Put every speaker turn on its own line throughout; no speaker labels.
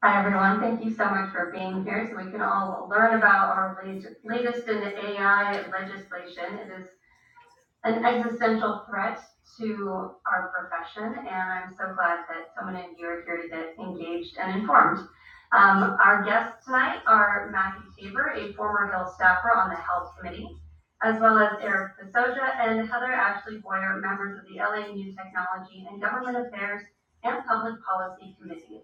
Hi, everyone. Thank you so much for being here so we can all learn about our lat- latest in AI legislation. It is an existential threat to our profession, and I'm so glad that so many of you are here to get engaged and informed. Um, our guests tonight are Matthew Tabor, a former Hill staffer on the Health Committee, as well as Eric Pasoja and Heather Ashley Boyer, members of the LA New Technology and Government Affairs and Public Policy Committees.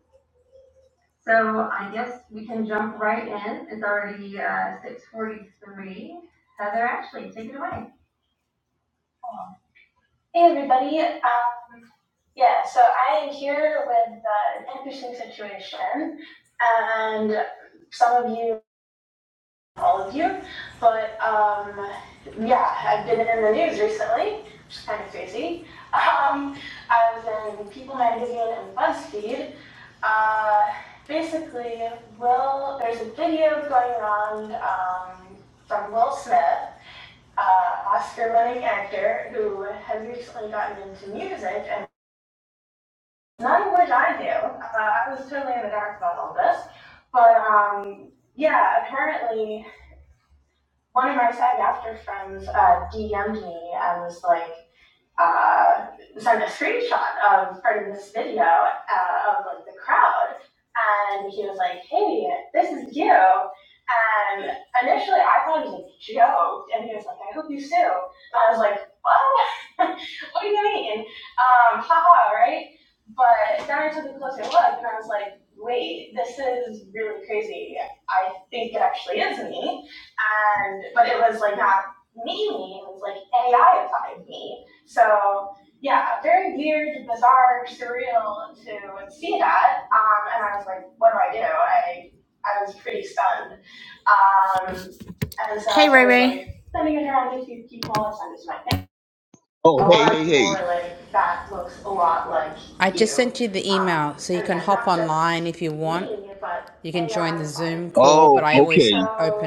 So I guess we can jump right in. It's already uh, 6.43. Heather, actually, take it away. Hey everybody, um, yeah, so I am here with uh, an interesting situation, and some of you all of you. But um, yeah, I've been in the news recently, which is kind of crazy. Um, I was in People Magazine and BuzzFeed. Uh, basically, Will, there's a video going around um, from Will Smith, uh, Oscar-winning actor who has recently gotten into music, and none of which I knew. Uh, I was totally in the dark about all this, but um, yeah, apparently one of my SAG after friends uh, DM'd me and was like, uh, sent a screenshot of part of this video uh, of like the crowd, and he was like, "Hey, this is you." And initially, I thought it was a joke, and he was like, "I hope you sue." And I was like, "What? what do you mean? Um, haha, right?" But then I took a closer look, and I was like, "Wait, this is really crazy. I think it actually is me." And but it was like not me me, it was like AI applied me. So yeah, very weird, bizarre, surreal to see that. Um, and I was like, what do I do? I I was pretty stunned. Um, and so Hey, I Ray I was Ray. like, let me go turn on YouTube people and send it to my family. A
Oh, hey,
lot of
hey,
people
hey.
were like, that looks a lot like I just you. sent you the Um, email so you and can again, hop not just online if you want. me, but You can join AI the A I Zoom inspired call,
Oh,
but I always
okay.
open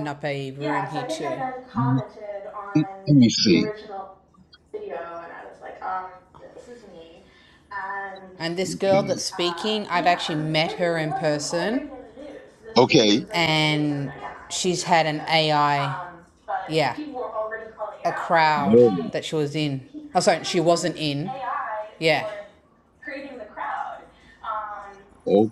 So up a room yeah, so here I think I too. then
Let
commented on
me
the
see.
original video, and I was like, um, this is me. And And this girl
Okay.
that's speaking, uh, I've yeah, actually met her in person,
Okay.
and she's had an AI, yeah, a crowd
Oh,
that she was in. Oh, sorry, she wasn't in. Yeah. creating the crowd. Um,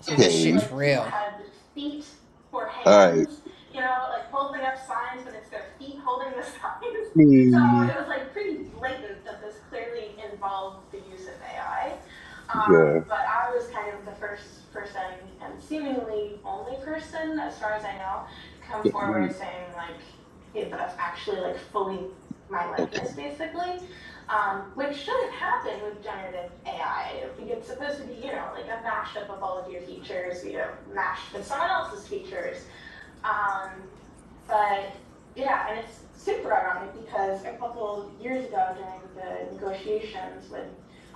So this
okay.
shit's like, real. Had feet for
All right.
hands, you know, like holding up signs, but it's their feet holding the signs. So it
Me.
was like pretty blatant that this clearly involved the use of AI. Um,
Yeah.
but I was kind of the first person and seemingly only person, as far as I know, to come
Get
forward
me.
saying like it was actually like fully my
Okay.
likeness basically, um, which shouldn't happen with generative AI. It's supposed to be you know like a mashup of all of your features, you know, mashed with someone else's features. Um, but yeah, and it's super ironic because a couple of years ago during the negotiations with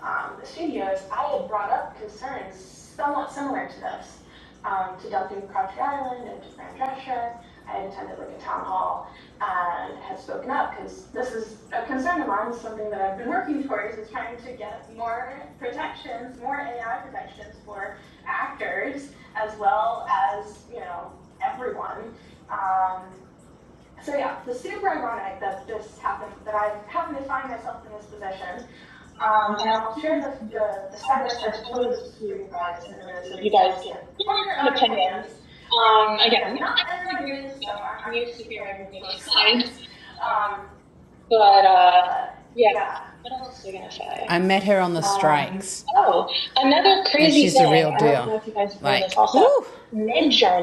um, the studios, I had brought up concerns somewhat similar to this um, to Duncan Crabtree Island and to Grand Drescher. I had attended like a town hall and had spoken up because this is a concern of mine, something that I've been working towards is trying to get more protections, more AI protections for actors as well as, you know, everyone. Um, so yeah, it's super ironic that this happened, that I happen to find myself in this position. Um, and I'll share the, the, the side-by-side photos for you guys in a minute so that you guys can form your own opinions. Um, again, not everyone agrees, so I- am used to hearing both sides. Um, but uh, yeah, what else is I gonna say? I met her on the strikes. Um, Oh, another crazy And she's the real deal. Like, heard Mid Journey.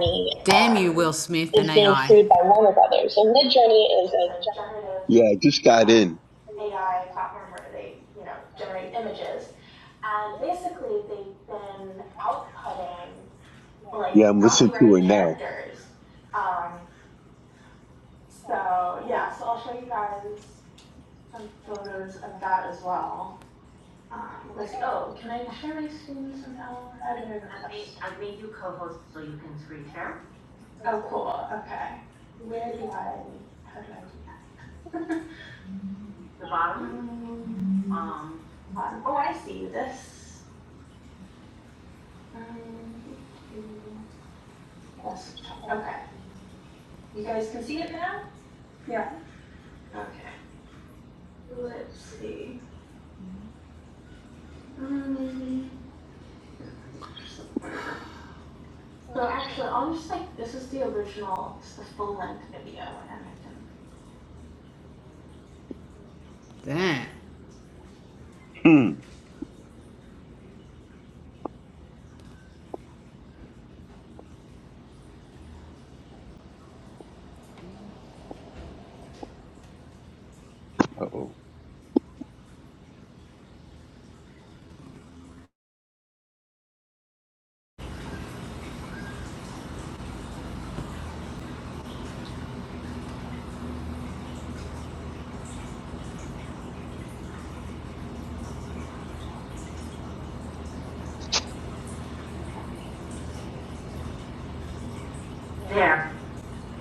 Damn you, Will Smith and AI. Produced by Warner Brothers. So Journey is a generative
Yeah, I just
uh,
got in.
AI platform where they, you know, generate images, and basically they've been outputting like
Yeah, I'm listening to
copyrighted
it now.
characters. Um, so yeah, so I'll show you guys some photos of that as well. Um, let's see. Oh, can I share my screen somehow? How do I request? Oh, cool. Okay. Where do I? How do I do that? um, oh, I see this. Um, yes. Okay. You guys can see it now. Okay. Let's see. Um, so actually, I'll just like this is the original, it's the full length video, and I can Damn.
Hmm. Uh-oh.
There,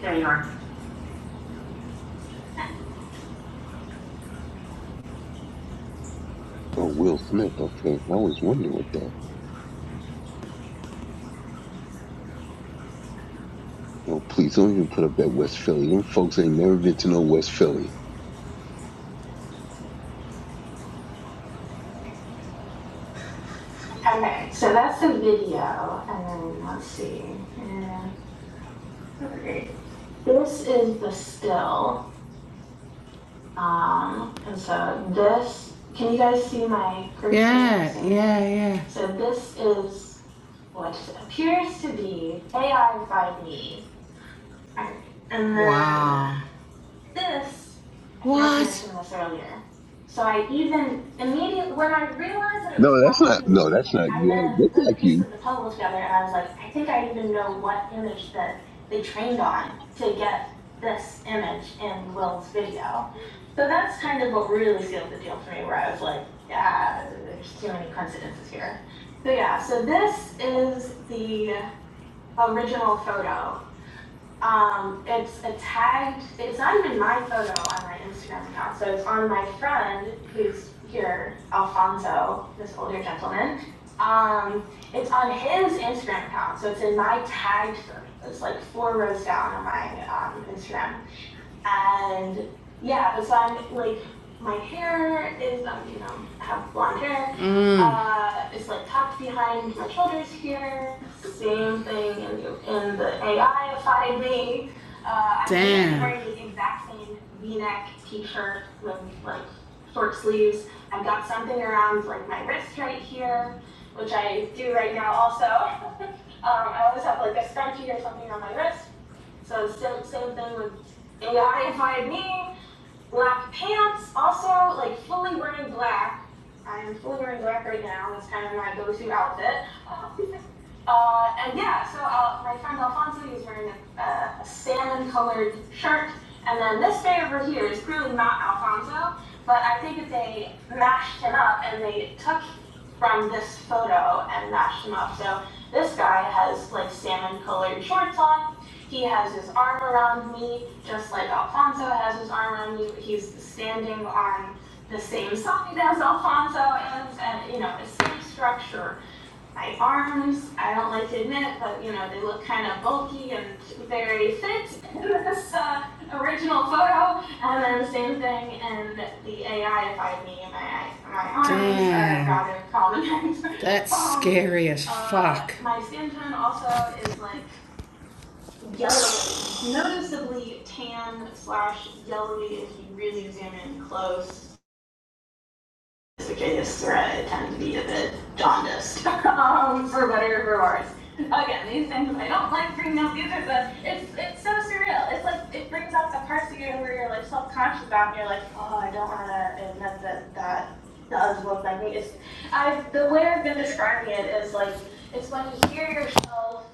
there you are.
Oh, Will Smith. Okay. I was wondering what that. Oh, please don't even put up that West Philly. Them folks ain't never been to no West Philly.
Okay, so that's the video, and then let's see. Uh, okay. This is the still, um, and so this. Can you guys see my? cursor? Yeah, yeah, yeah. So this is what appears to be AI 5D. And then Wow. this What? earlier. So I even immediately when I realized that it
No,
was
that's
probably
not. No,
me,
that's not
I
you. I
then
look
put
like
the pieces
you.
of the puzzle together and I was like, I think I even know what image that they trained on to get this image in Will's video. So that's kind of what really sealed the deal for me, where I was like, yeah, there's too many coincidences here. So yeah, so this is the original photo um, it's a tagged, it's not even my photo on my Instagram account, so it's on my friend who's here, Alfonso, this older gentleman. Um, it's on his Instagram account, so it's in my tagged photo. It's like four rows down on my um, Instagram. And yeah, but so I'm like, my hair is, um, you know, I have blonde hair. Mm. Uh, it's like tucked behind my shoulders here. Same thing in the, in the AI me. Uh, Damn. I'm wearing the exact same V-neck T-shirt with like short sleeves. I've got something around like my wrist right here, which I do right now also. Um, I always have like a scrunchie or something on my wrist. So same same thing with AI hired me, black pants, also like fully wearing black. I'm fully wearing black right now. That's kind of my go-to outfit. Uh, and yeah, so uh, my friend Alfonso is wearing a, a salmon-colored shirt, and then this guy over here is clearly not Alfonso, but I think that they mashed him up and they took from this photo and mashed him up. So this guy has like salmon-colored shorts on he has his arm around me, just like Alfonso has his arm around me. He's standing on the same side as Alfonso, and, and you know, the same structure. My arms, I don't like to admit, but you know, they look kind of bulky and very fit in this uh, original photo. And then the same thing in the AI-ified me and my, my arms. Damn. I got it, call the That's um, scary as uh, fuck. Uh, My skin tone also is like Yellow, noticeably tan slash yellowy if you really examine close. This Ficus thread tends to be a bit jaundiced, um, for better or for worse. Again, these things I don't like bringing up either, but it's it's so surreal. It's like it brings out the parts of you where you're like self conscious about, and you're like, oh, I don't want to admit that that does look like me. It's I the way I've been describing it is like it's when you hear yourself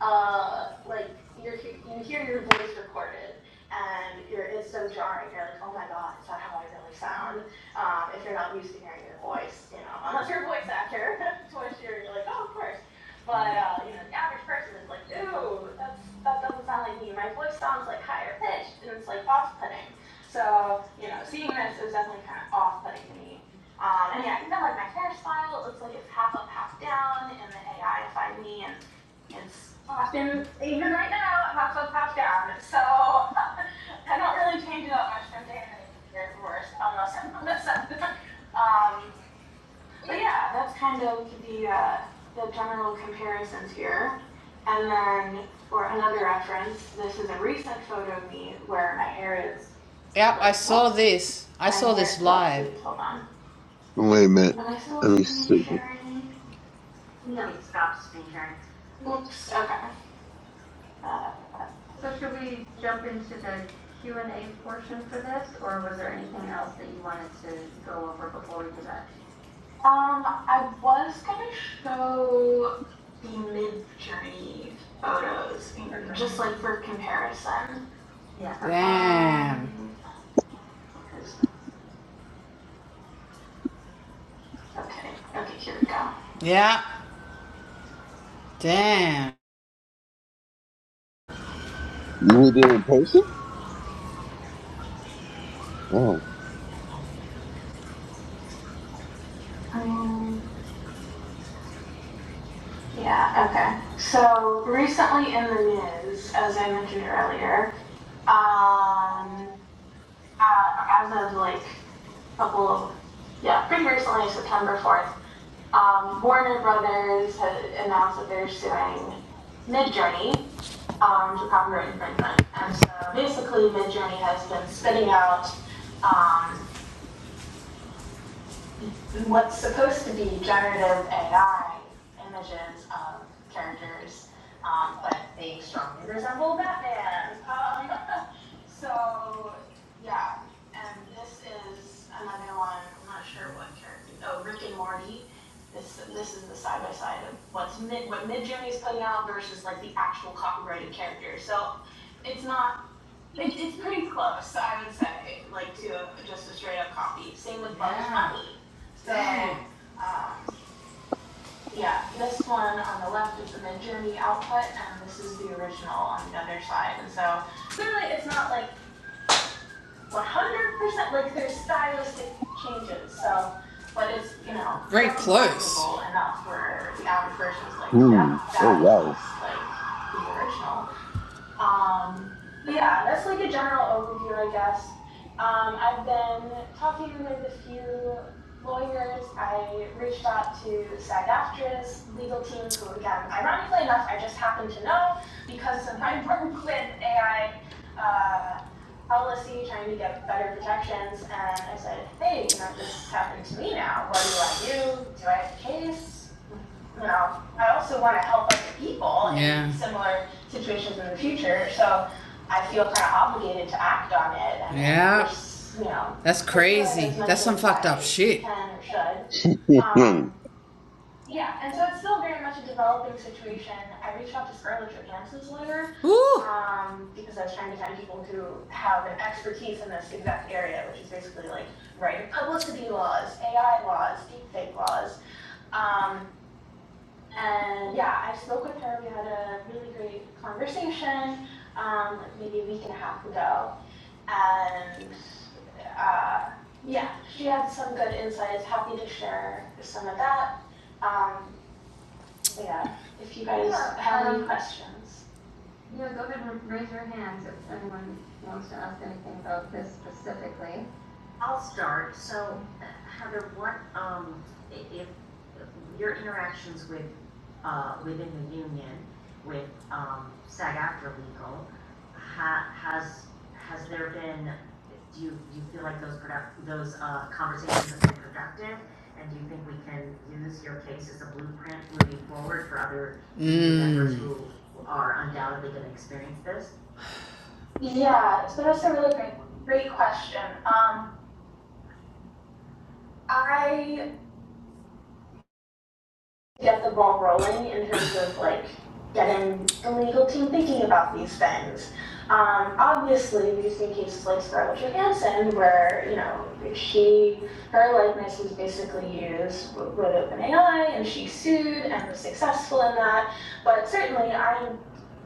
uh, like you're, you hear your voice recorded, and you're, it's so jarring. You're like, oh my god, is that how I really sound? Um, if you're not used to hearing your voice, you know, unless you're a voice actor, to which you're, you're like, oh, of course. But uh, you know, the average person is like, ooh, that's, that doesn't sound like me. My voice sounds like higher pitched, and it's like off-putting. So you know, seeing this, is definitely kind of off-putting to me. Um, and yeah, even like my hairstyle, it looks like it's half up, half down in the AI if I me, and Yes. Austin, even right now, I'm not so top down, so I don't really change it up much from day to day. It's worse, unless I'm on the sun. Um, but yeah, that's kind of the uh, the general comparisons here. And then for another reference, this is a recent photo of me where my hair is. Yep, I saw this. I saw this live. Hold on.
Wait a minute.
Am I still
Let me
screen
see.
sharing? No. Stop screen sharing. Oops. Okay. So should we jump into the Q and A portion for this, or was there anything else that you wanted to go over before we do that? Um, I was gonna show the mid-journey photos, just like for comparison. Yeah. Damn. Um, Okay, okay, here we go. Yeah. Damn.
You were there in person? Oh.
Um, yeah, okay. So recently in the news, as I mentioned earlier, um, uh, as of like a couple of, yeah, pretty recently, September 4th, um, Warner Brothers had announced that they're suing Midjourney um, for copyright infringement. And so basically, Midjourney has been spitting out um, what's supposed to be generative AI images of characters, um, but they strongly resemble Batman. Um, so, yeah, and this is another one. I'm not sure what character. Oh, Rick and Morty. This this is the side by side of what's mid what Midjourney is putting out versus like the actual copyrighted character. So, it's not it's, it's pretty close, I would say, like to a, just a straight up copy. Same with Bugs Yeah. Bunny. So, um, yeah, this one on the left is the mid journey output, and this is the original on the other side. And so, clearly, it's not like 100%, like there's stylistic changes. So, but it's, you know, Very close. Enough where the average person is like, yep,
Mm. Oh
that
wow.
looks like the original. Um, but yeah, that's like a general overview, I guess. Um, I've been talking with a few lawyers. I reached out to SAG AFTRA's legal team, who, again, ironically enough, I just happen to know because of my work with AI uh, policy, trying to get better protections. And I said, hey, you know, this happened to me now. What do I do? Do I have a case? you know, I also want to help other people Yeah. in similar situations in the future. So I feel kind of obligated to act on it. And Yeah. push, You know, That's crazy. That's some fucked up shit. Can or should.
Hmm.
Um, yeah, and so it's still very much a developing situation. I reached out to Scarlett Johansson's lawyer Woo! um, because I was trying to find people who have an expertise in this exact area, which is basically like writing publicity laws, AI laws, deepfake laws, um, and yeah, I spoke with her. We had a really great conversation, um, like maybe a week and a half ago. And uh, yeah, she had some good insights. Happy to share some of that. Um, yeah, if you guys yeah, have um, any questions. Yeah, go ahead and raise your hands if anyone wants to ask anything about this specifically. Yeah, so that's a really great, great question. Um, I get the ball rolling in terms of like getting the legal team thinking about these things. Um, obviously, we've seen cases like Scarlett Johansson, where you know she her likeness was basically used w- with OpenAI, and she sued and was successful in that. But certainly, I'm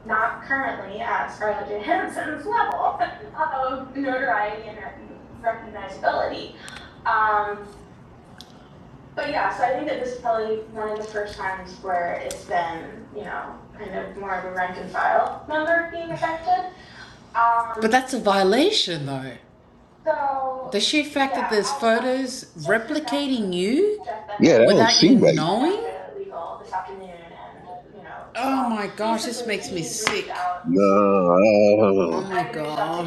not currently at Scarlett Johansson's level of notoriety and recognizability. Um, but yeah, so I think that this is probably one of the first times where it's been, you know, kind of more of a rank and file member being affected. Um, But Um, that's a violation, though. so The sheer fact yeah, that yeah, there's photos check with replicating death, you Jeff
yeah, that don't
without you
seem right.
knowing. legal this afternoon, and you know. Oh um, my gosh, this makes me sick. to
No,
Oh my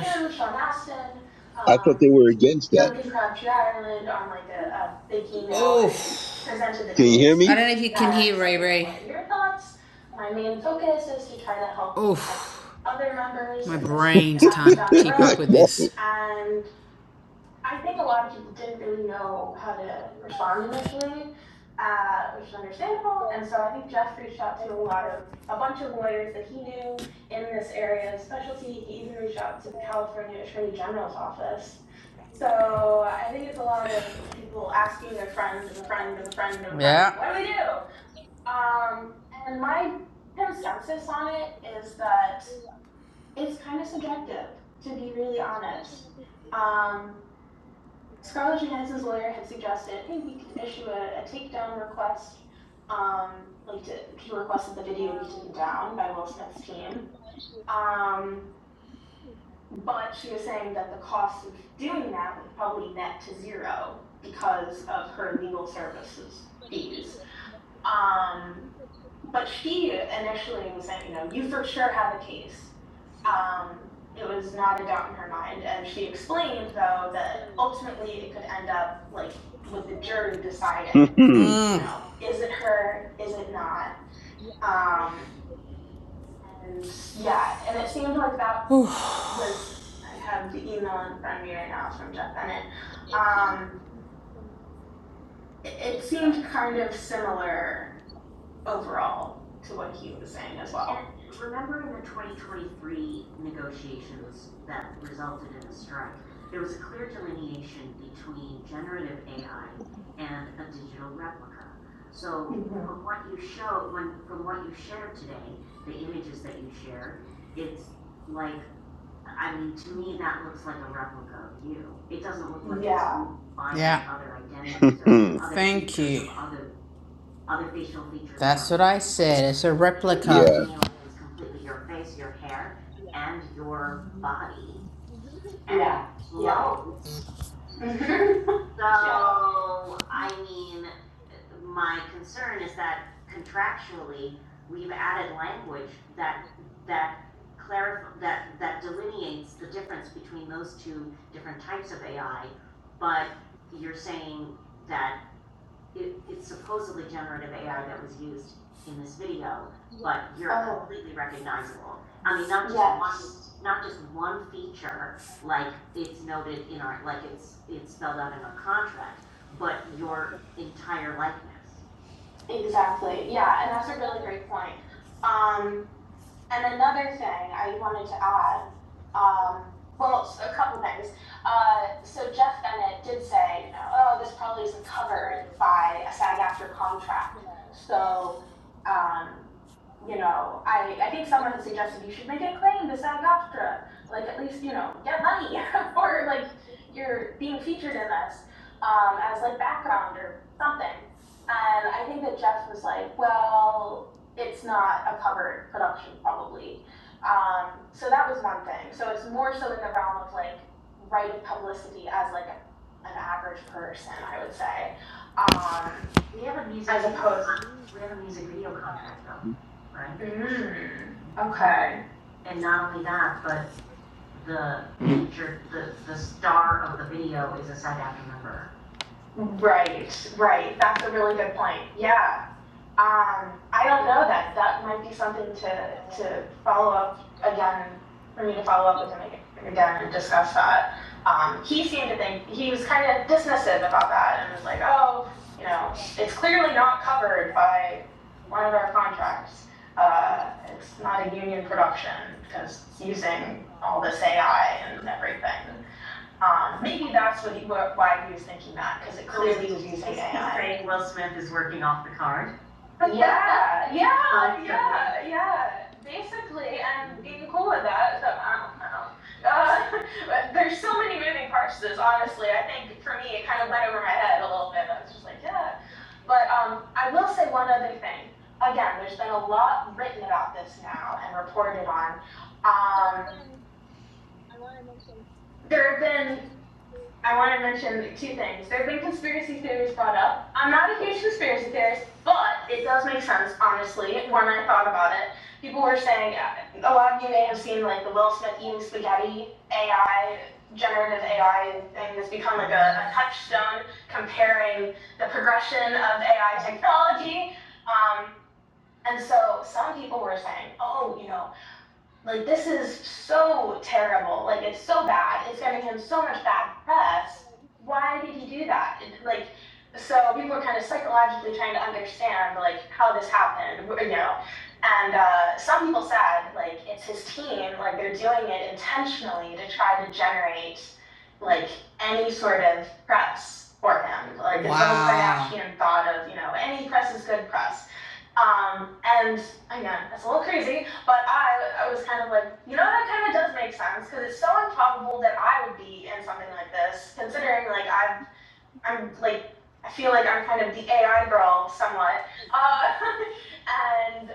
gosh. Sean Aston,
I thought
um,
they were against that.
Duncan Crabtree Island on like a, a big email Oh, presented the
Can you hear
case. I
me?
don't know if you can hear Ray Ray. what are Your thoughts. My main focus is to try to help Oof, other members. my brains um, can't keep up with
No.
this. And I think a lot of people didn't really know how to respond initially, uh, which is understandable. And so I think Jeff reached out to a lot of, a bunch of lawyers that he knew in this area of specialty. He even reached out to the California Attorney General's office. So I think it's a lot of people asking their friends and a friend and a friend and a friend, Yeah. what do we do? Um, and my consensus on it is that it's kind of subjective, to be really honest. Um, Scarlett Johansson's lawyer had suggested, hey, we could issue a, a takedown request, um, like to, she requested the video be taken down by Will Smith's team. Um, but she was saying that the cost of doing that would probably net to zero because of her legal services fees. Um, but she initially was saying, you know, you for sure have a case. Um, it was not a doubt in her mind, and she explained though that ultimately it could end up like with the jury deciding,
Hmm.
mm. you Mm. know, is it her, is it not? Um, and yeah, and it seemed like that was I have the email in front of me right now from Jeff Bennett. Um, it, it seemed kind of similar overall to what he was saying as well. It's a
yeah.
Mhm. Exactly. Yeah, and that's a really great point. Um, And another thing I wanted to add, um, well, a couple things. Uh, so Jeff Bennett did say, you know, oh, this probably isn't covered by a SAG aftra contract. So, um, you know, I, I think someone had suggested you should make a claim to SAG aftra like at least, you know, get money for like you're being featured in this um, as like background or something. And I think that Jeff was like, well, it's not a covered production probably. Um, so that was one thing. So it's more so in the realm of like writing publicity as like a, an average person, I would say. Um, mm, okay. Right, right. That's a really good point. Yeah. Um, I don't know that. That might be something to, to follow up again, for me to follow up with him again and discuss that. Um, he seemed to think, he was kind of dismissive about that and was like, oh, you know, it's clearly not covered by one of our contracts. Uh, it's not a union production because it's using all this AI and everything. Um, maybe that's what he, wh- why he was thinking that, because it, yeah, Yeah, Yeah, yeah, basically, and being cool with that. So I don't know. Uh, there's so many moving parts to this. Honestly, I think for me, it kind of went over my head a little bit. I was just like, yeah. But um, I will say one other thing. Again, there's been a lot written about this now and reported on. Um, there have been I want to mention two things. There have been conspiracy theories brought up. I'm not a huge conspiracy theorist, but it does make sense, honestly, when I thought about it. People were saying, uh, a lot of you may have seen like the Will Smith eating spaghetti AI, generative AI thing that's become like a, a touchstone comparing the progression of AI technology. Um, and so some people were saying, oh, you know, like this is so terrible. Like it's so bad. It's getting him so much bad press. Why did he do that? It- like so people are kind of psychologically trying to understand like how this happened, you know. And uh, some people said like it's his team, like they're doing it intentionally to try to generate like any sort of press for him. Like the Wow. Kardashian thought of you know any press is good press. Um, and I know that's a little crazy, but I, I was kind of like, you know, that kind of does make sense because it's so improbable that I would be in something like this, considering like I, I'm like, I feel like I'm kind of the AI girl somewhat, uh, and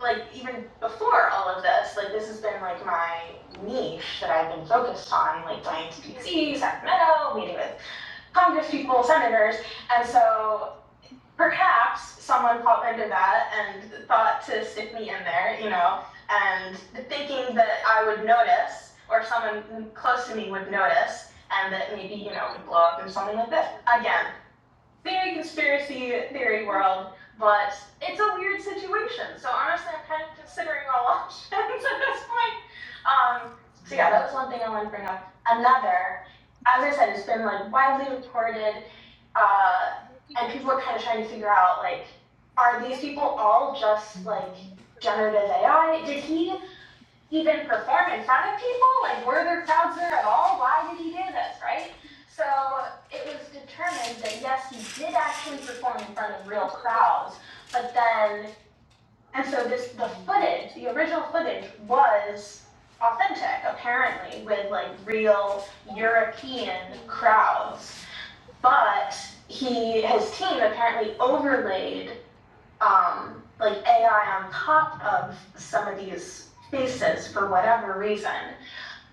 like even before all of this, like this has been like my niche that I've been focused on, like going to DC, Sacramento, meeting with Congress people, senators, and so perhaps someone pop into that and thought to stick me in there, you know, and thinking that I would notice or someone close to me would notice and that maybe, you know, it would blow up in something like this. Again, very conspiracy theory world, but it's a weird situation. So honestly, I'm kind of considering all options at this point. Um, so yeah, that was one thing I wanted to bring up. Another, as I said, it's been like widely reported, uh, and people are kind of trying to figure out like, are these people all just like generative AI? Did he even perform in front of people? Like, were there crowds there at all? Why did he do this, right? So it was determined that yes, he did actually perform in front of real crowds, but then, and so this, the footage, the original footage was authentic, apparently, with like real European crowds. But he, his team apparently overlaid um, like AI on top of some of these faces for whatever reason.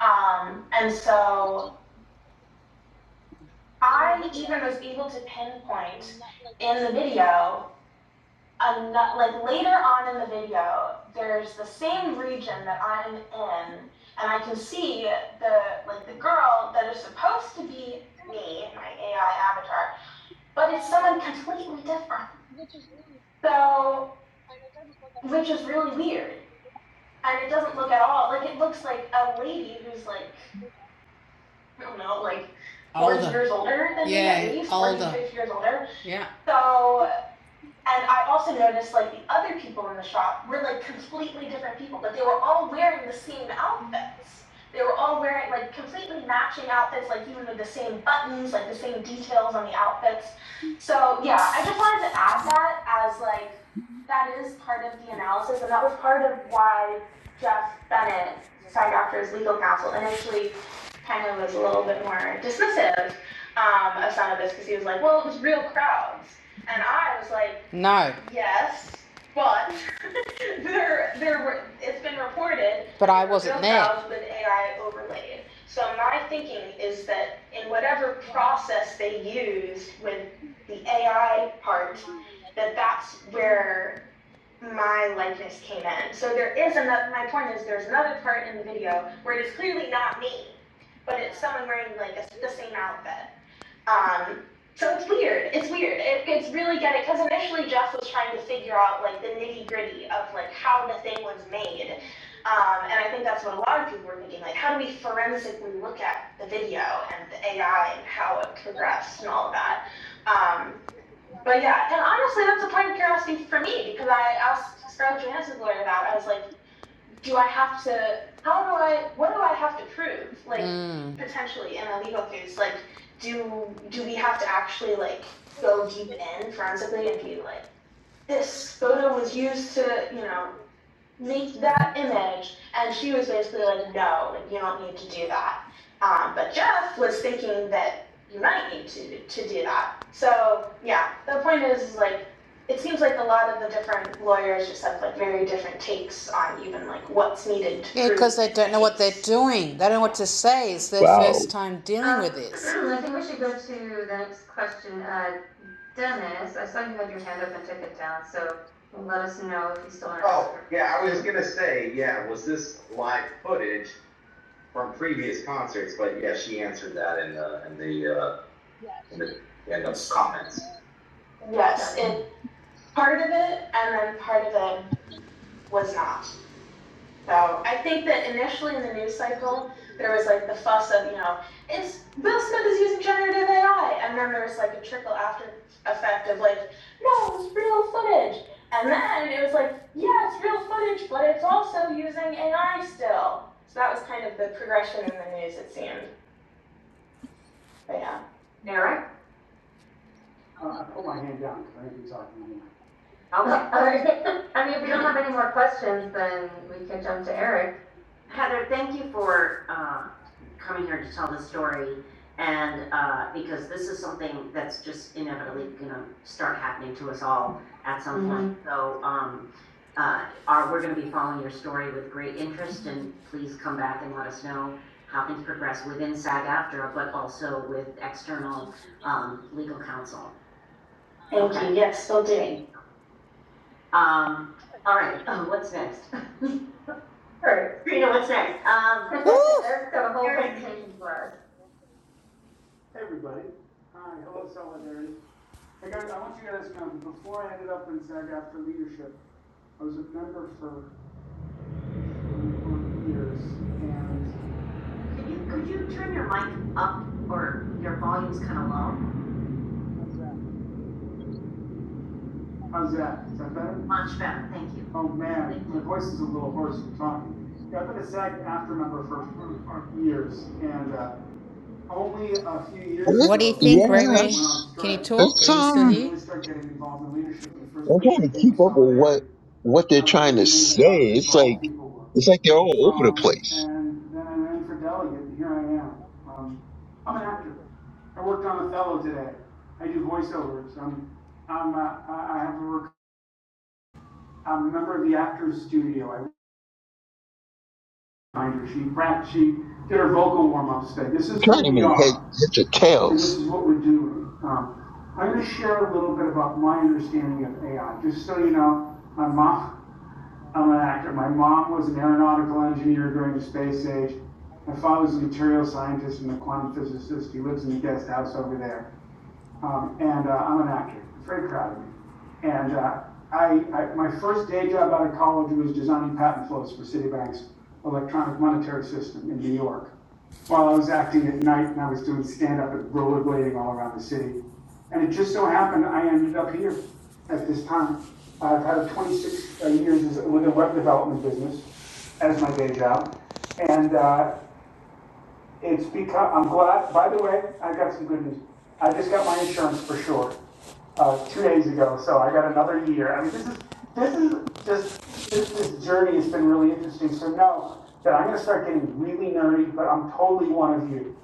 Um, and so I even was able to pinpoint in the video, ano- like later on in the video, there's the same region that I'm in, and I can see the like the girl that is supposed to be me, my AI avatar, but it's someone completely different. So, which is really weird. and it doesn't look at all like it looks like a lady who's like I don't know, like forty years older than Yeah, me at least, older. forty six years older. Yeah. So and I also noticed like the other people in the shop were like completely different people, but they were all wearing the same outfits. They were all wearing like completely matching outfits, like even with the same buttons, like the same details on the outfits. So yeah, I just wanted to add that as like that is part of the analysis, and that was part of why Jeff Bennett, Side Doctor's legal counsel, initially kind of was a little bit more dismissive um, of some of this because he was like, well, it was real crowds. And I was like, No, yes, but there, there were, it's been reported but I wasn't there. with AI overlaid. So my thinking is that in whatever process they used with the AI part, that that's where my likeness came in. So there is another. My point is, there's another part in the video where it is clearly not me, but it's someone wearing like a, the same outfit. Um, so it's weird. It's weird. It, it's really getting because initially Jeff was trying to figure out like the nitty gritty of like how the thing was made, um, and I think that's what a lot of people were thinking. Like, how do we forensically look at the video and the AI and how it progressed and all of that? Um, but yeah, and honestly, that's a point of curiosity for me because I asked Scarlett Johansson's lawyer about. it. I was like, do I have to? How do I? What do I have to prove? Like Mm. potentially in a legal case, like do do we have to actually like go deep in forensically and be like this photo was used to you know make that image. And she was basically like, no, like, you don't need to do that. Um, but Jeff was thinking that you might need to, to do that. So, yeah, the point is, is like, it seems like a lot of the different lawyers just have like very different takes on even like what's needed Yeah, because they don't know what they're doing. They don't know what to say. It's their
Wow.
first time dealing Um, with this. I think we should go to the next question, uh, Dennis, I saw you had your hand up and took it down, so let us know if you still want to. answer. Oh, yeah, I was gonna say, yeah, was this live footage from previous concerts? But yeah, she answered that in the in the uh, in the in the comments. Yes, it part of it and then part of it was not. So I think that initially in the news cycle, there was like the fuss of, you know, it's Will Smith is using generative AI. And then there was like a trickle after effect of like, no, it's real footage. And then it was like, yeah, it's real footage, but it's also using AI still. So that was kind of the progression in the news, it seemed. But yeah. Uh, I put my hand down because I have been talking anymore. All right. I mean, if we don't have any more questions, then we can jump to Eric. Yes, still doing. All right. Eric's got a whole presentation for us. Hey, everybody. Hi, hello, Solidarity. Hey, guys, I want you guys to know, before I ended up in Zag after leadership, I was a member for years, and how's that? Is that better? Oh, man, my voice is a little hoarse from talking. Yeah, I've been a SAG after member for years, and uh, only a few years ago.
What?
What do you think, Ray
Yeah,
Ray?
that's
Can you talk? Are
that's
you
um.
still I here? I really started getting involved in leadership. The first
I'm trying
place I
to
came
keep
was
up with what
Solidarity.
what they're
I was
trying
really
to
amazed
say.
at how
It's like
involved people
it's like they're all
were.
over the
Um,
place.
and then I ran for delegate, and here I am. Um, I'm an actor. I worked on Othello today. I do voiceovers. I'm, I'm, uh, I have a rec- I'm a member of the Actors Studio. I remind her. She she did her vocal warm-ups today. This
I'm
is who
trying to
we
make head,
are.
heads or
and this
tails.
is what we're doing. Um, I'm gonna share a little bit about my understanding of AI, just so you know, my mom, I'm an actor, my mom was an aeronautical engineer during the space age. My father's a material scientist and a quantum physicist, he lives in the guest house over there um, and uh, I'm an actor. very proud of me. And uh, I, I, my first day job out of college was designing patent flows for Citibank's electronic monetary system in New York. While I was acting at night and I was doing stand up and rollerblading all around the city. And it just so happened I ended up here at this time. I've had 26 uh, years as- with a web development business as my day job. And uh, it's because, I'm glad, by the way, I got some good news. I just got my insurance for sure, uh, two days ago, so I got another year. I mean, this is, this is just, this, this journey has been really interesting. So know that I'm gonna start getting really nerdy, but I'm totally one of you.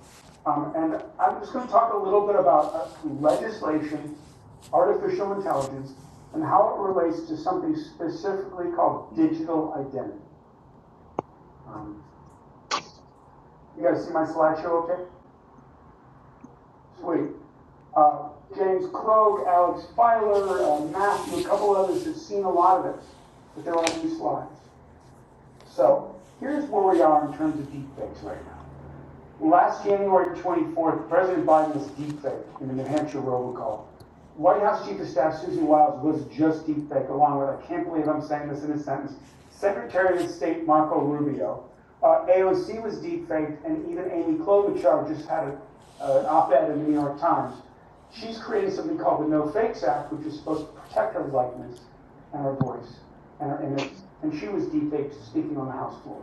Um, and I'm just gonna talk a little bit about uh, legislation, artificial intelligence, and how it relates to something specifically called digital identity. Um, You guys see my slideshow okay? Sweet. Uh, James Krog, Alex Filer, uh, Matthew, a couple others have seen a lot of it, but they're on new slides. So here's where we are in terms of deepfakes right now. Last January 24th, President Biden was deepfaked in the New Hampshire robocall. White House Chief of Staff Susan Wiles was just deepfaked along with, I can't believe I'm saying this in a sentence, Secretary of State Marco Rubio. Uh, AOC was deepfaked and even Amy Klobuchar just had a- an uh, op-ed in the New York Times. She's created something called the No Fakes Act, which is supposed to protect her likeness and her voice and her image. And she was deepfaked speaking on the House floor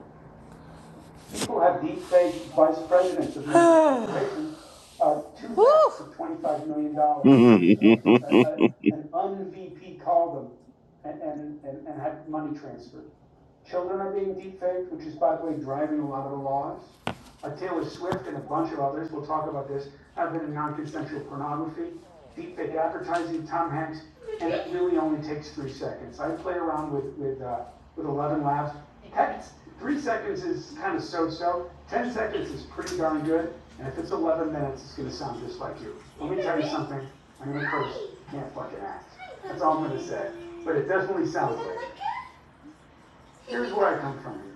people have deep fake vice presidents of these corporations, uh, two backs of twenty-five million dollars because
really,
of, uh, uh, an un-VP called them and, and, and, and had money transferred. Children are being deep faked, which is by the way driving a lot of the laws uh, Taylor Swift and a bunch of others, we'll talk about this, have been in non-consensual pornography, deepfake advertising, Tom Hanks, and it really only takes three seconds. I play around with, with, uh, with Eleven Labs. Heck, three seconds is kind of so-so, ten seconds is pretty darn good, and if it's eleven minutes, it's gonna sound just like you. Let me tell you something, I'm gonna curse, can't fucking act. That's all I'm gonna say, but it definitely sounds like. Here's where I come from.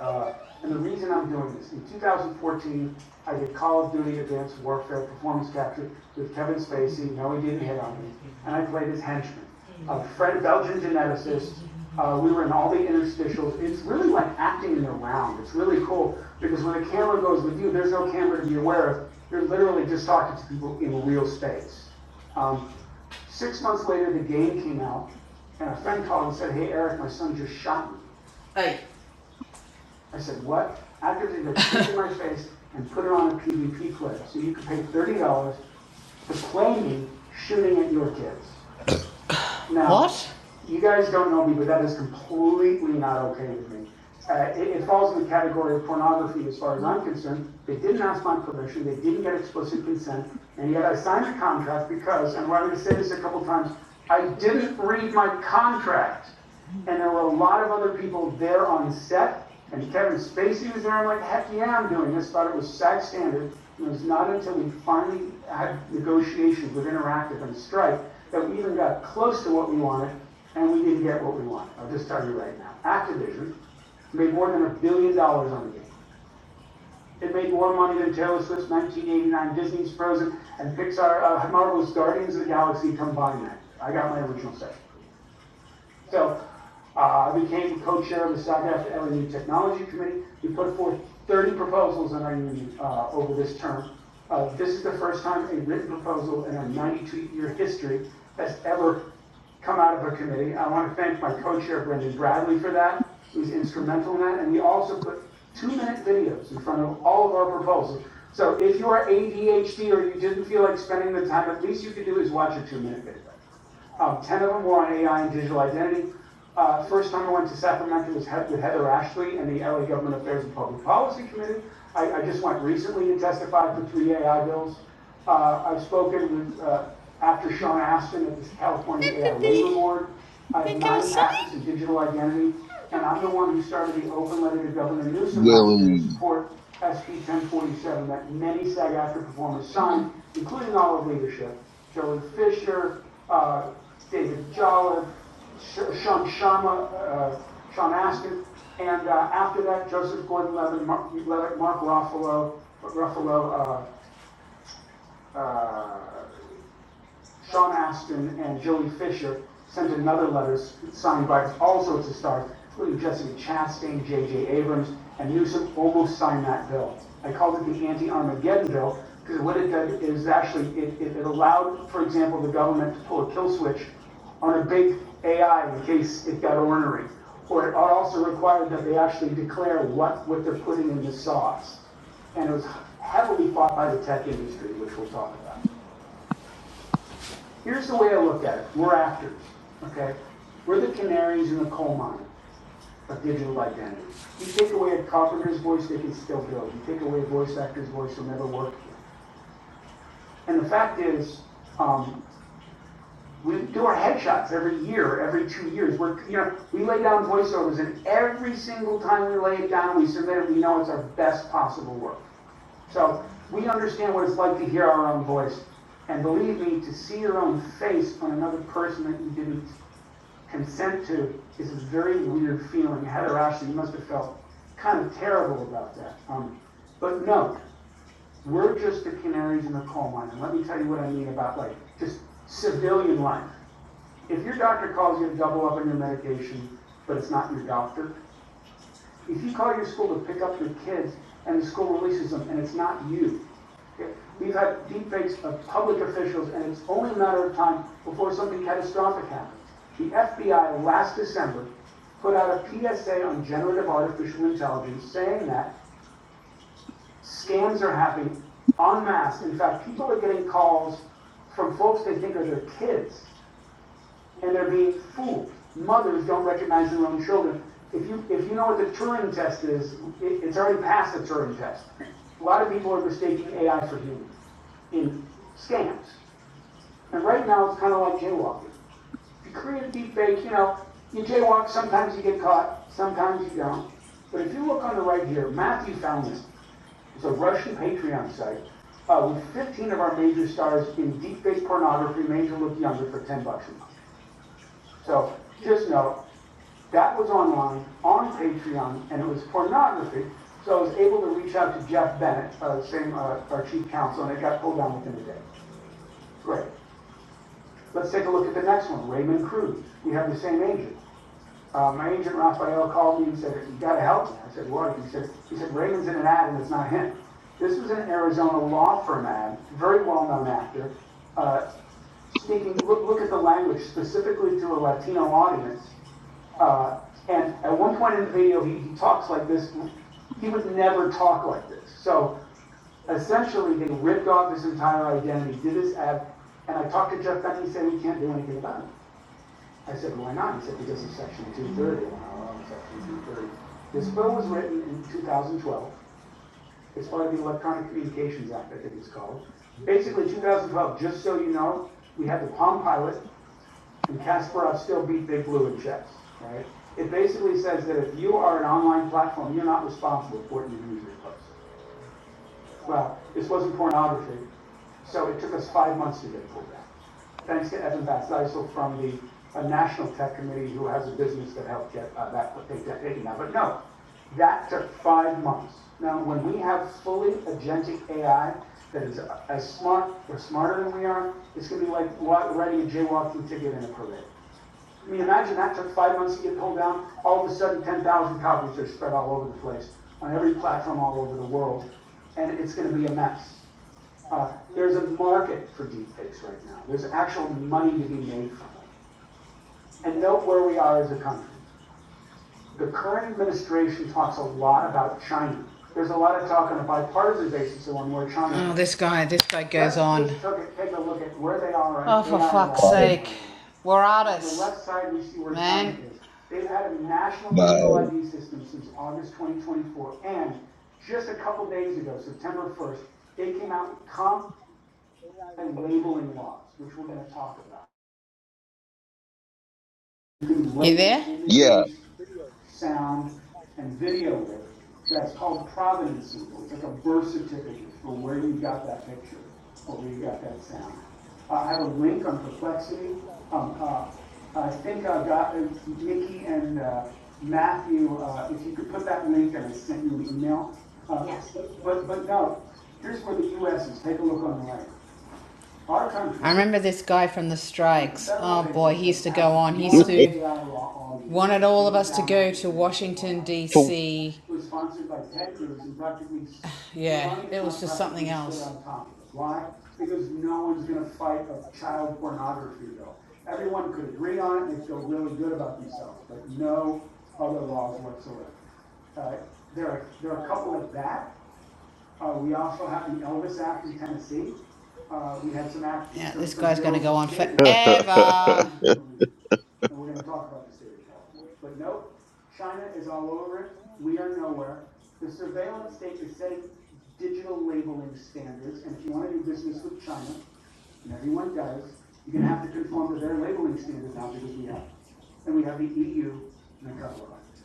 Uh, And the reason I'm doing this, in 2014, I did Call of Duty Advanced Warfare Performance Capture with Kevin Spacey, no, he didn't hit on me, and I played his henchman, a friend, Belgian geneticist. Uh, We were in all the interstitials. It's really like acting in the round. It's really cool, because when the camera goes with you, there's no camera to be aware of. You're literally just talking to people in real space. Um, Six months later, the game came out, and a friend called and said, "Hey, Eric, my son just shot me." Hey, I said, what? Activision had taken my face and put it on a PvP clip, so you could pay thirty dollars to play me shooting at your kids. Now, What? You guys don't know me, but that is completely not okay with me. Uh, it, it falls in the category of pornography as far as I'm concerned. They didn't ask my permission, they didn't get explicit consent, and yet I signed the contract because, and I'm going to say this a couple times, I didn't read my contract and there were a lot of other people there on set. And Kevin Spacey was there. I'm like, heck yeah, I'm doing this. Thought it was SAG standard. And it was not until we finally had negotiations with Interactive and Strike that we even got close to what we wanted, and we didn't get what we wanted. I'll just tell you right now. Activision made more than a billion dollars on the game. It made more money than Taylor Swift's 1989, Disney's Frozen, and Pixar, uh, Marvel's Guardians of the Galaxy combined. That I got my original set. So, uh, I became co-chair of the SAGAF LMU Technology Committee. We put forth thirty proposals in our union, uh, over this term. Uh, this is the first time a written proposal in our ninety-two year history has ever come out of a committee. I want to thank my co-chair Brendan Bradley for that, who was instrumental in that, and we also put two-minute videos in front of all of our proposals. So if you are ADHD or you didn't feel like spending the time, at least you could do is watch a two-minute video. Um, ten of them were on AI and digital identity. Uh, first time I went to Sacramento was with Heather Ashley and the LA Government Affairs and Public Policy Committee. I, I just went recently and testified for three AI bills. Uh, I've spoken with, uh, after Sean Astin at the California AI Labor Board. I have not nine outside. access to digital identity, and I'm the one who started the open letter to Governor Newsom last year to support SB 1047 that many SAG-AFTRA performers signed, including all of leadership. Joey Fisher, uh, David Jolliffe, Sean Shama, uh, Sean Astin, and uh, after that, Joseph Gordon-Levitt, Mark Mark Ruffalo, Ruffalo, uh, uh, Sean Astin and Joey Fisher sent another letter signed by all sorts of stars, including Jessica Chastain, J.J. Abrams, and Newsom almost signed that bill. I called it the anti-Armageddon bill because what it did is actually, it, it it allowed, for example, the government to pull a kill switch on a big AI in case it got ornery. Or it also required that they actually declare what, what they're putting in the sauce. And it was heavily fought by the tech industry, which we'll talk about. Here's the way I look at it. We're actors, okay? We're the canaries in the coal mine of digital identity. You take away a carpenter's voice, they can still build. You take away a voice actor's voice, they'll never work. And the fact is, um, we do our headshots every year, every two years. We're, you know, we lay down voiceovers, and every single time we lay it down, we submit it. We know it's our best possible work. So we understand what it's like to hear our own voice. And believe me, to see your own face on another person that you didn't consent to is a very weird feeling. Heather Ashley must have felt kind of terrible about that. Um, but no, we're just the canaries in the coal mine. And let me tell you what I mean about like just civilian life. If your doctor calls you to double up on your medication, but it's not your doctor, if you call your school to pick up your kids and the school releases them and it's not you, okay, we've had deepfakes of public officials and it's only a matter of time before something catastrophic happens. The FBI last December put out a PSA on generative artificial intelligence saying that scams are happening en masse. In fact, people are getting calls from folks they think are their kids and they're being fooled. Mothers don't recognize their own children. If you, if you know what the Turing test is, it, it's already past the Turing test. A lot of people are mistaking AI for humans in scams. And right now, it's kind of like jaywalking. If you create a deepfake, you know, you jaywalk, sometimes you get caught, sometimes you don't. But if you look on the right here, Matthew found this. It's a Russian Patreon site uh, with 15 of our major stars in deepfake pornography made to look younger for 10 bucks a month. So just know, that was online, on Patreon, and it was pornography. So I was able to reach out to Jeff Bennett, uh, same, uh, our chief counsel, and it got pulled down within a day. Great. Let's take a look at the next one, Raymond Cruz. We have the same agent. Uh, my agent Raphael called me and said, you gotta help me. I said, what? He said, he said, Raymond's in an ad and it's not him. This was an Arizona law firm ad, very well-known actor, uh, speaking, look, look at the language specifically to a Latino audience. Uh, and at one point in the video, he, he talks like this. He would never talk like this. So essentially, they ripped off his entire identity, did this ad, and I talked to Jeff Beck, and he said, we can't do anything about it. I said, why not? He said, because of section two thirty. And I love Section two thirty. This bill was written in two thousand twelve. It's part of the Electronic Communications Act, I think it's called. Basically, two thousand twelve, just so you know, we had the Palm Pilot and Kasparov still beat Big Blue in chess, right? It basically says that if you are an online platform, you're not responsible for what your users post. Well, this wasn't pornography, so it took us five months to get pulled back. Thanks to Evan Batzeisel from the uh, National Tech Committee, who has a business that helped get uh, that, take that taken out. But no, that took five months. Now, when we have fully agentic AI that is as smart or smarter than we are, it's gonna be like writing a jaywalking ticket in a parade. I mean, imagine that took five months to get pulled down, all of a sudden ten thousand copies are spread all over the place on every platform all over the world, and it's going to be a mess. Uh, there's a market for deepfakes right now. There's actual money to be made from it, and note where we are as a country. The current administration talks a lot about China. There's a lot of talk on a bipartisan basis on where China. Oh, this guy, this guy goes on. Take a look at where they are. Oh, for fuck's sake. We're artists. On the left side, we see where China Man. is. They've had a national
but
digital ID system since August 2024, and just a couple days ago, September 1st, they came out with comp and labeling laws, which we're gonna talk about. You there?
yeah.
Images, sound, and video with, that's called provenance symbol, it's like a birth certificate for where you got that picture, or where you got that sound. Uh, I have a link on perplexity, um, uh, I think I got, uh, Nikki and, uh, Matthew, uh, if you could put that link, and I sent you an email. Uh, Yes. But, but no, here's where the US is, take a look on the right. Our country. I remember this guy from the strikes. Oh boy, he used to go on. He used to wanted all of us to go to Washington
For
D.C. Was sponsored by Ted Cruz and practically. Yeah, it was just something else. Why? Because no one's gonna fight a child pornography bill. Everyone could agree on it and feel really good about themselves, but no other laws whatsoever. Uh, there are, there are a couple of that, uh, we also have the Elvis Act in Tennessee. Uh, we had some act. Yeah, this guy's gonna go on forever. And we're gonna talk about the state of California. But nope, China is all over it. We are nowhere. The surveillance state is setting digital labeling standards, and if you wanna do business with China, and everyone does, you're gonna have to conform to their labeling standards now because we have. And we have the EU and a couple of others.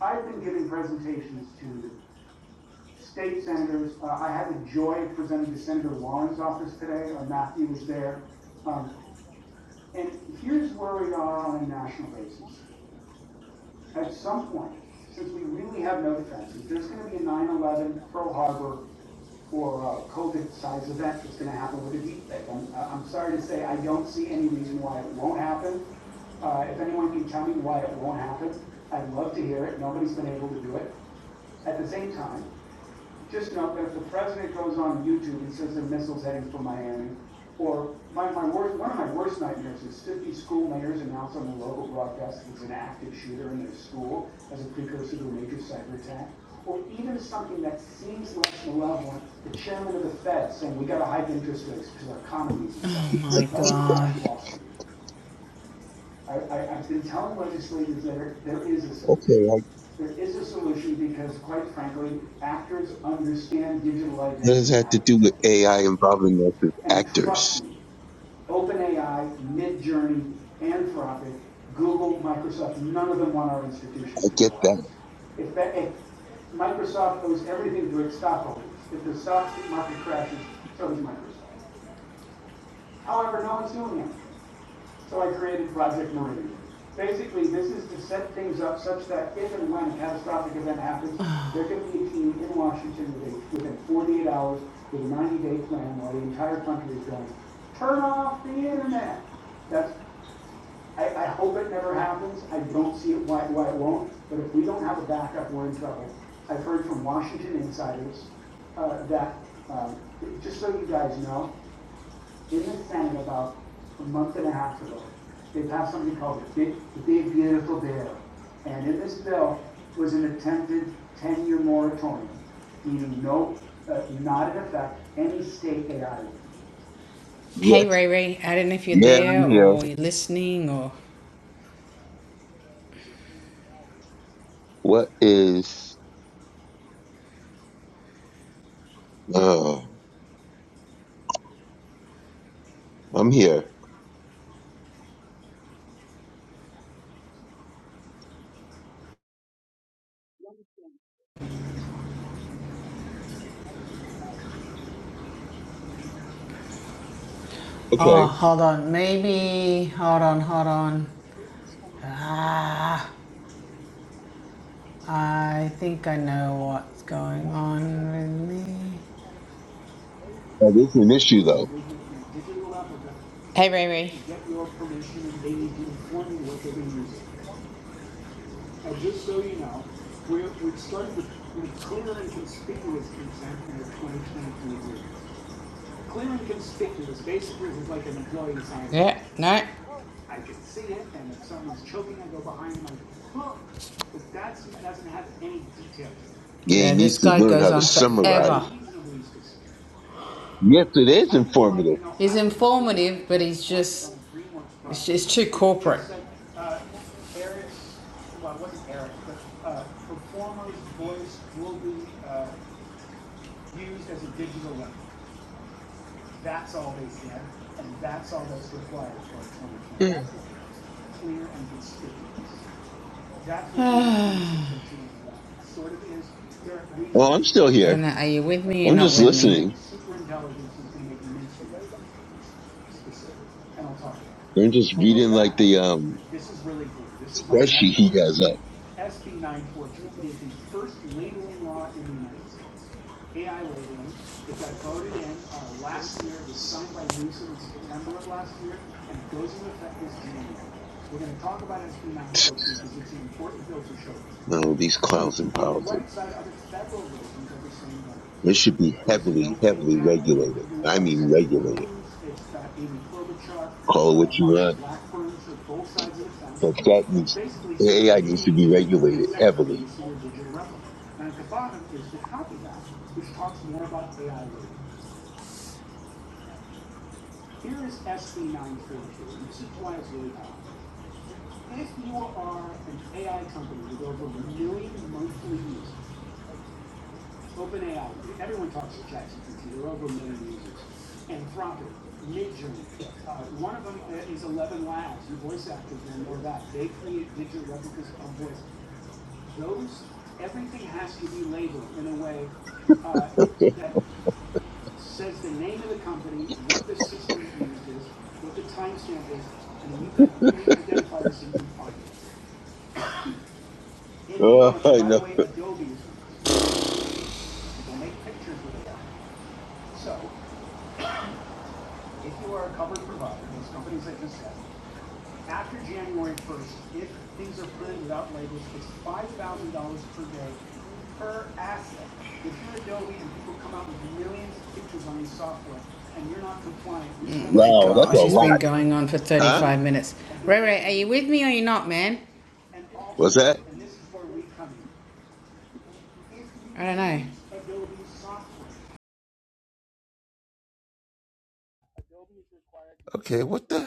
I've been giving presentations to state senators, uh, I had the joy of presenting to Senator Warren's office today, or Matthew was there. Um, and here's where we are on a national basis. At some point, since we really have no defenses, there's gonna be a 9/11 Pearl Harbor or uh, COVID-sized event that's gonna happen with a deepfake. I'm, I'm sorry to say, I don't see any reason why it won't happen. Uh, if anyone can tell me why it won't happen, I'd love to hear it. Nobody's been able to do it. At the same time, just know that if the president goes on YouTube and says the missiles heading for Miami, or my, my worst, one of my worst nightmares is fifty school mayors announce on the local broadcast that it's an active shooter in their school as a precursor to a major cyber attack, or even something that seems less malevolent, the chairman of the Fed saying we gotta hike interest rates because our economy is. Oh my God. I, I, I've been telling legislators there, there is a solution.
Okay, I,
There is a solution because quite frankly, actors understand digital
it
identity and
had
how to
to do with
protect it.
AI involving us as
And trust
actors.
me, OpenAI, Midjourney, Anthropic, Google, Microsoft, none of them want our
I
institutions to
get
collapse.
that.
If, that, if Microsoft owes everything to its stockholders, if the stock market crashes, so does Microsoft. However, no one's doing it. So I created Project Meridian. Basically, this is to set things up such that if and when a catastrophic event happens, there can be a team in Washington within- 48 hours with a 90-day plan while the entire country is going, turn off the internet. That's, I, I hope it never happens. I don't see it why, why it won't, but if we don't have a backup, we're in trouble. I've heard from Washington insiders uh, that, um, just so you guys know, Jim was saying about a month and a half ago, they passed something called the Big, the Big Beautiful Bill. And in this bill was an attempted ten-year moratorium, meaning no, uh, not in effect, any state AI.
Yes.
Hey, Ray Ray. I don't know if you're
Yeah, I'm
there
here.
or you're listening or.
What is? Oh, I'm here.
Oh,
Okay.
hold on. Maybe. Hold on, hold on. Ah, I think I know what's going on with me.
Now, this is an issue though.
digital Africa Hey, Ray Ray. To get your permission and they need to inform you what they're going to use. it. And just so you know, we're, we've started with, with clear and conspicuous consent in the 2023 agreement. Clear and conspicuous basically is like an employee signing Yeah, no. I can see it, and if someone's choking, I go behind them, like, look, but that doesn't have any detail.
Yeah, he
Yeah, this
needs to
guy
learn how
goes
to
on
summarize.
forever. reasonably specific.
Yes, it is informative.
He's informative, but he's just it's, it's too corporate. Uh, Eric's, well, it wasn't Eric, but uh, performer's voice will be uh, used as a digital link. That's all they said, and that's all that's required for
Well,
2020. Clear and conspicuous. Exactly.
I'm still
I don't know.
here.
Are you with me or
I'm
not
just
with me?
listening.
superintelligence is going to make immensely specific, and I'll talk about
I'm just
it. Below
reading like
that,
the um
this is really cool. This is my pet
spreadsheet he
log.
has up.
SB 942. It is the first labeling law in the United States. AI labeling, it got voted in uh, last year, it was signed by Newsom in September of last year, and it goes into effect this January. We're going to talk about SB 942 because it's an important bill for children.
No, these clowns in
On the
politics.
right side are the federal versions of the same bill.
It should be
There's a No
heavily,
Fake
heavily
Act
regulated.
introduced
I
by
mean
Senator
regulated.
Coons, it's got Amy Klobuchar,
Call it
uh,
what you
Marsha
want,
Blackburn, so both sides of the fence,
but that needs
basically saying
AI
you
needs to
need to
be
give your
regulated
consent for the
heavily.
use of your digital replica. And at the bottom is the Copy Act, which talks more about AI later. Here is SB 942, and this is why it's really powerful. If you are an AI company with over a million monthly users, OpenAI, everyone talks to ChatGPT. There are over a million users. Anthropic, Midjourney. Uh, one of them uh, is Eleven Labs. You voice actors will know that. They create digital replicas of voice. Those, everything has to be labeled in a way uh, that says the name of the company, what the system used is, what the timestamp is, and you can unique identifiers so you can find it. If you
Oh,
are, and
I
by the
know.
way, Adobe is, people make pictures with AI. So If you are a covered provider, those companies that just said, after January first, if things are printed without labels, it's five thousand dollars per day per asset. If you're Adobe and people come out with millions of pictures on your software and you're not compliant. you Oh my
Wow, that's a
gosh, it's been
lot,
going on for
huh?
35 minutes. Ray Ray, are you with me or are you not, man? And also,
What's that?
and this is where we come in. If you I don't know. Adobe software,
Okay, what the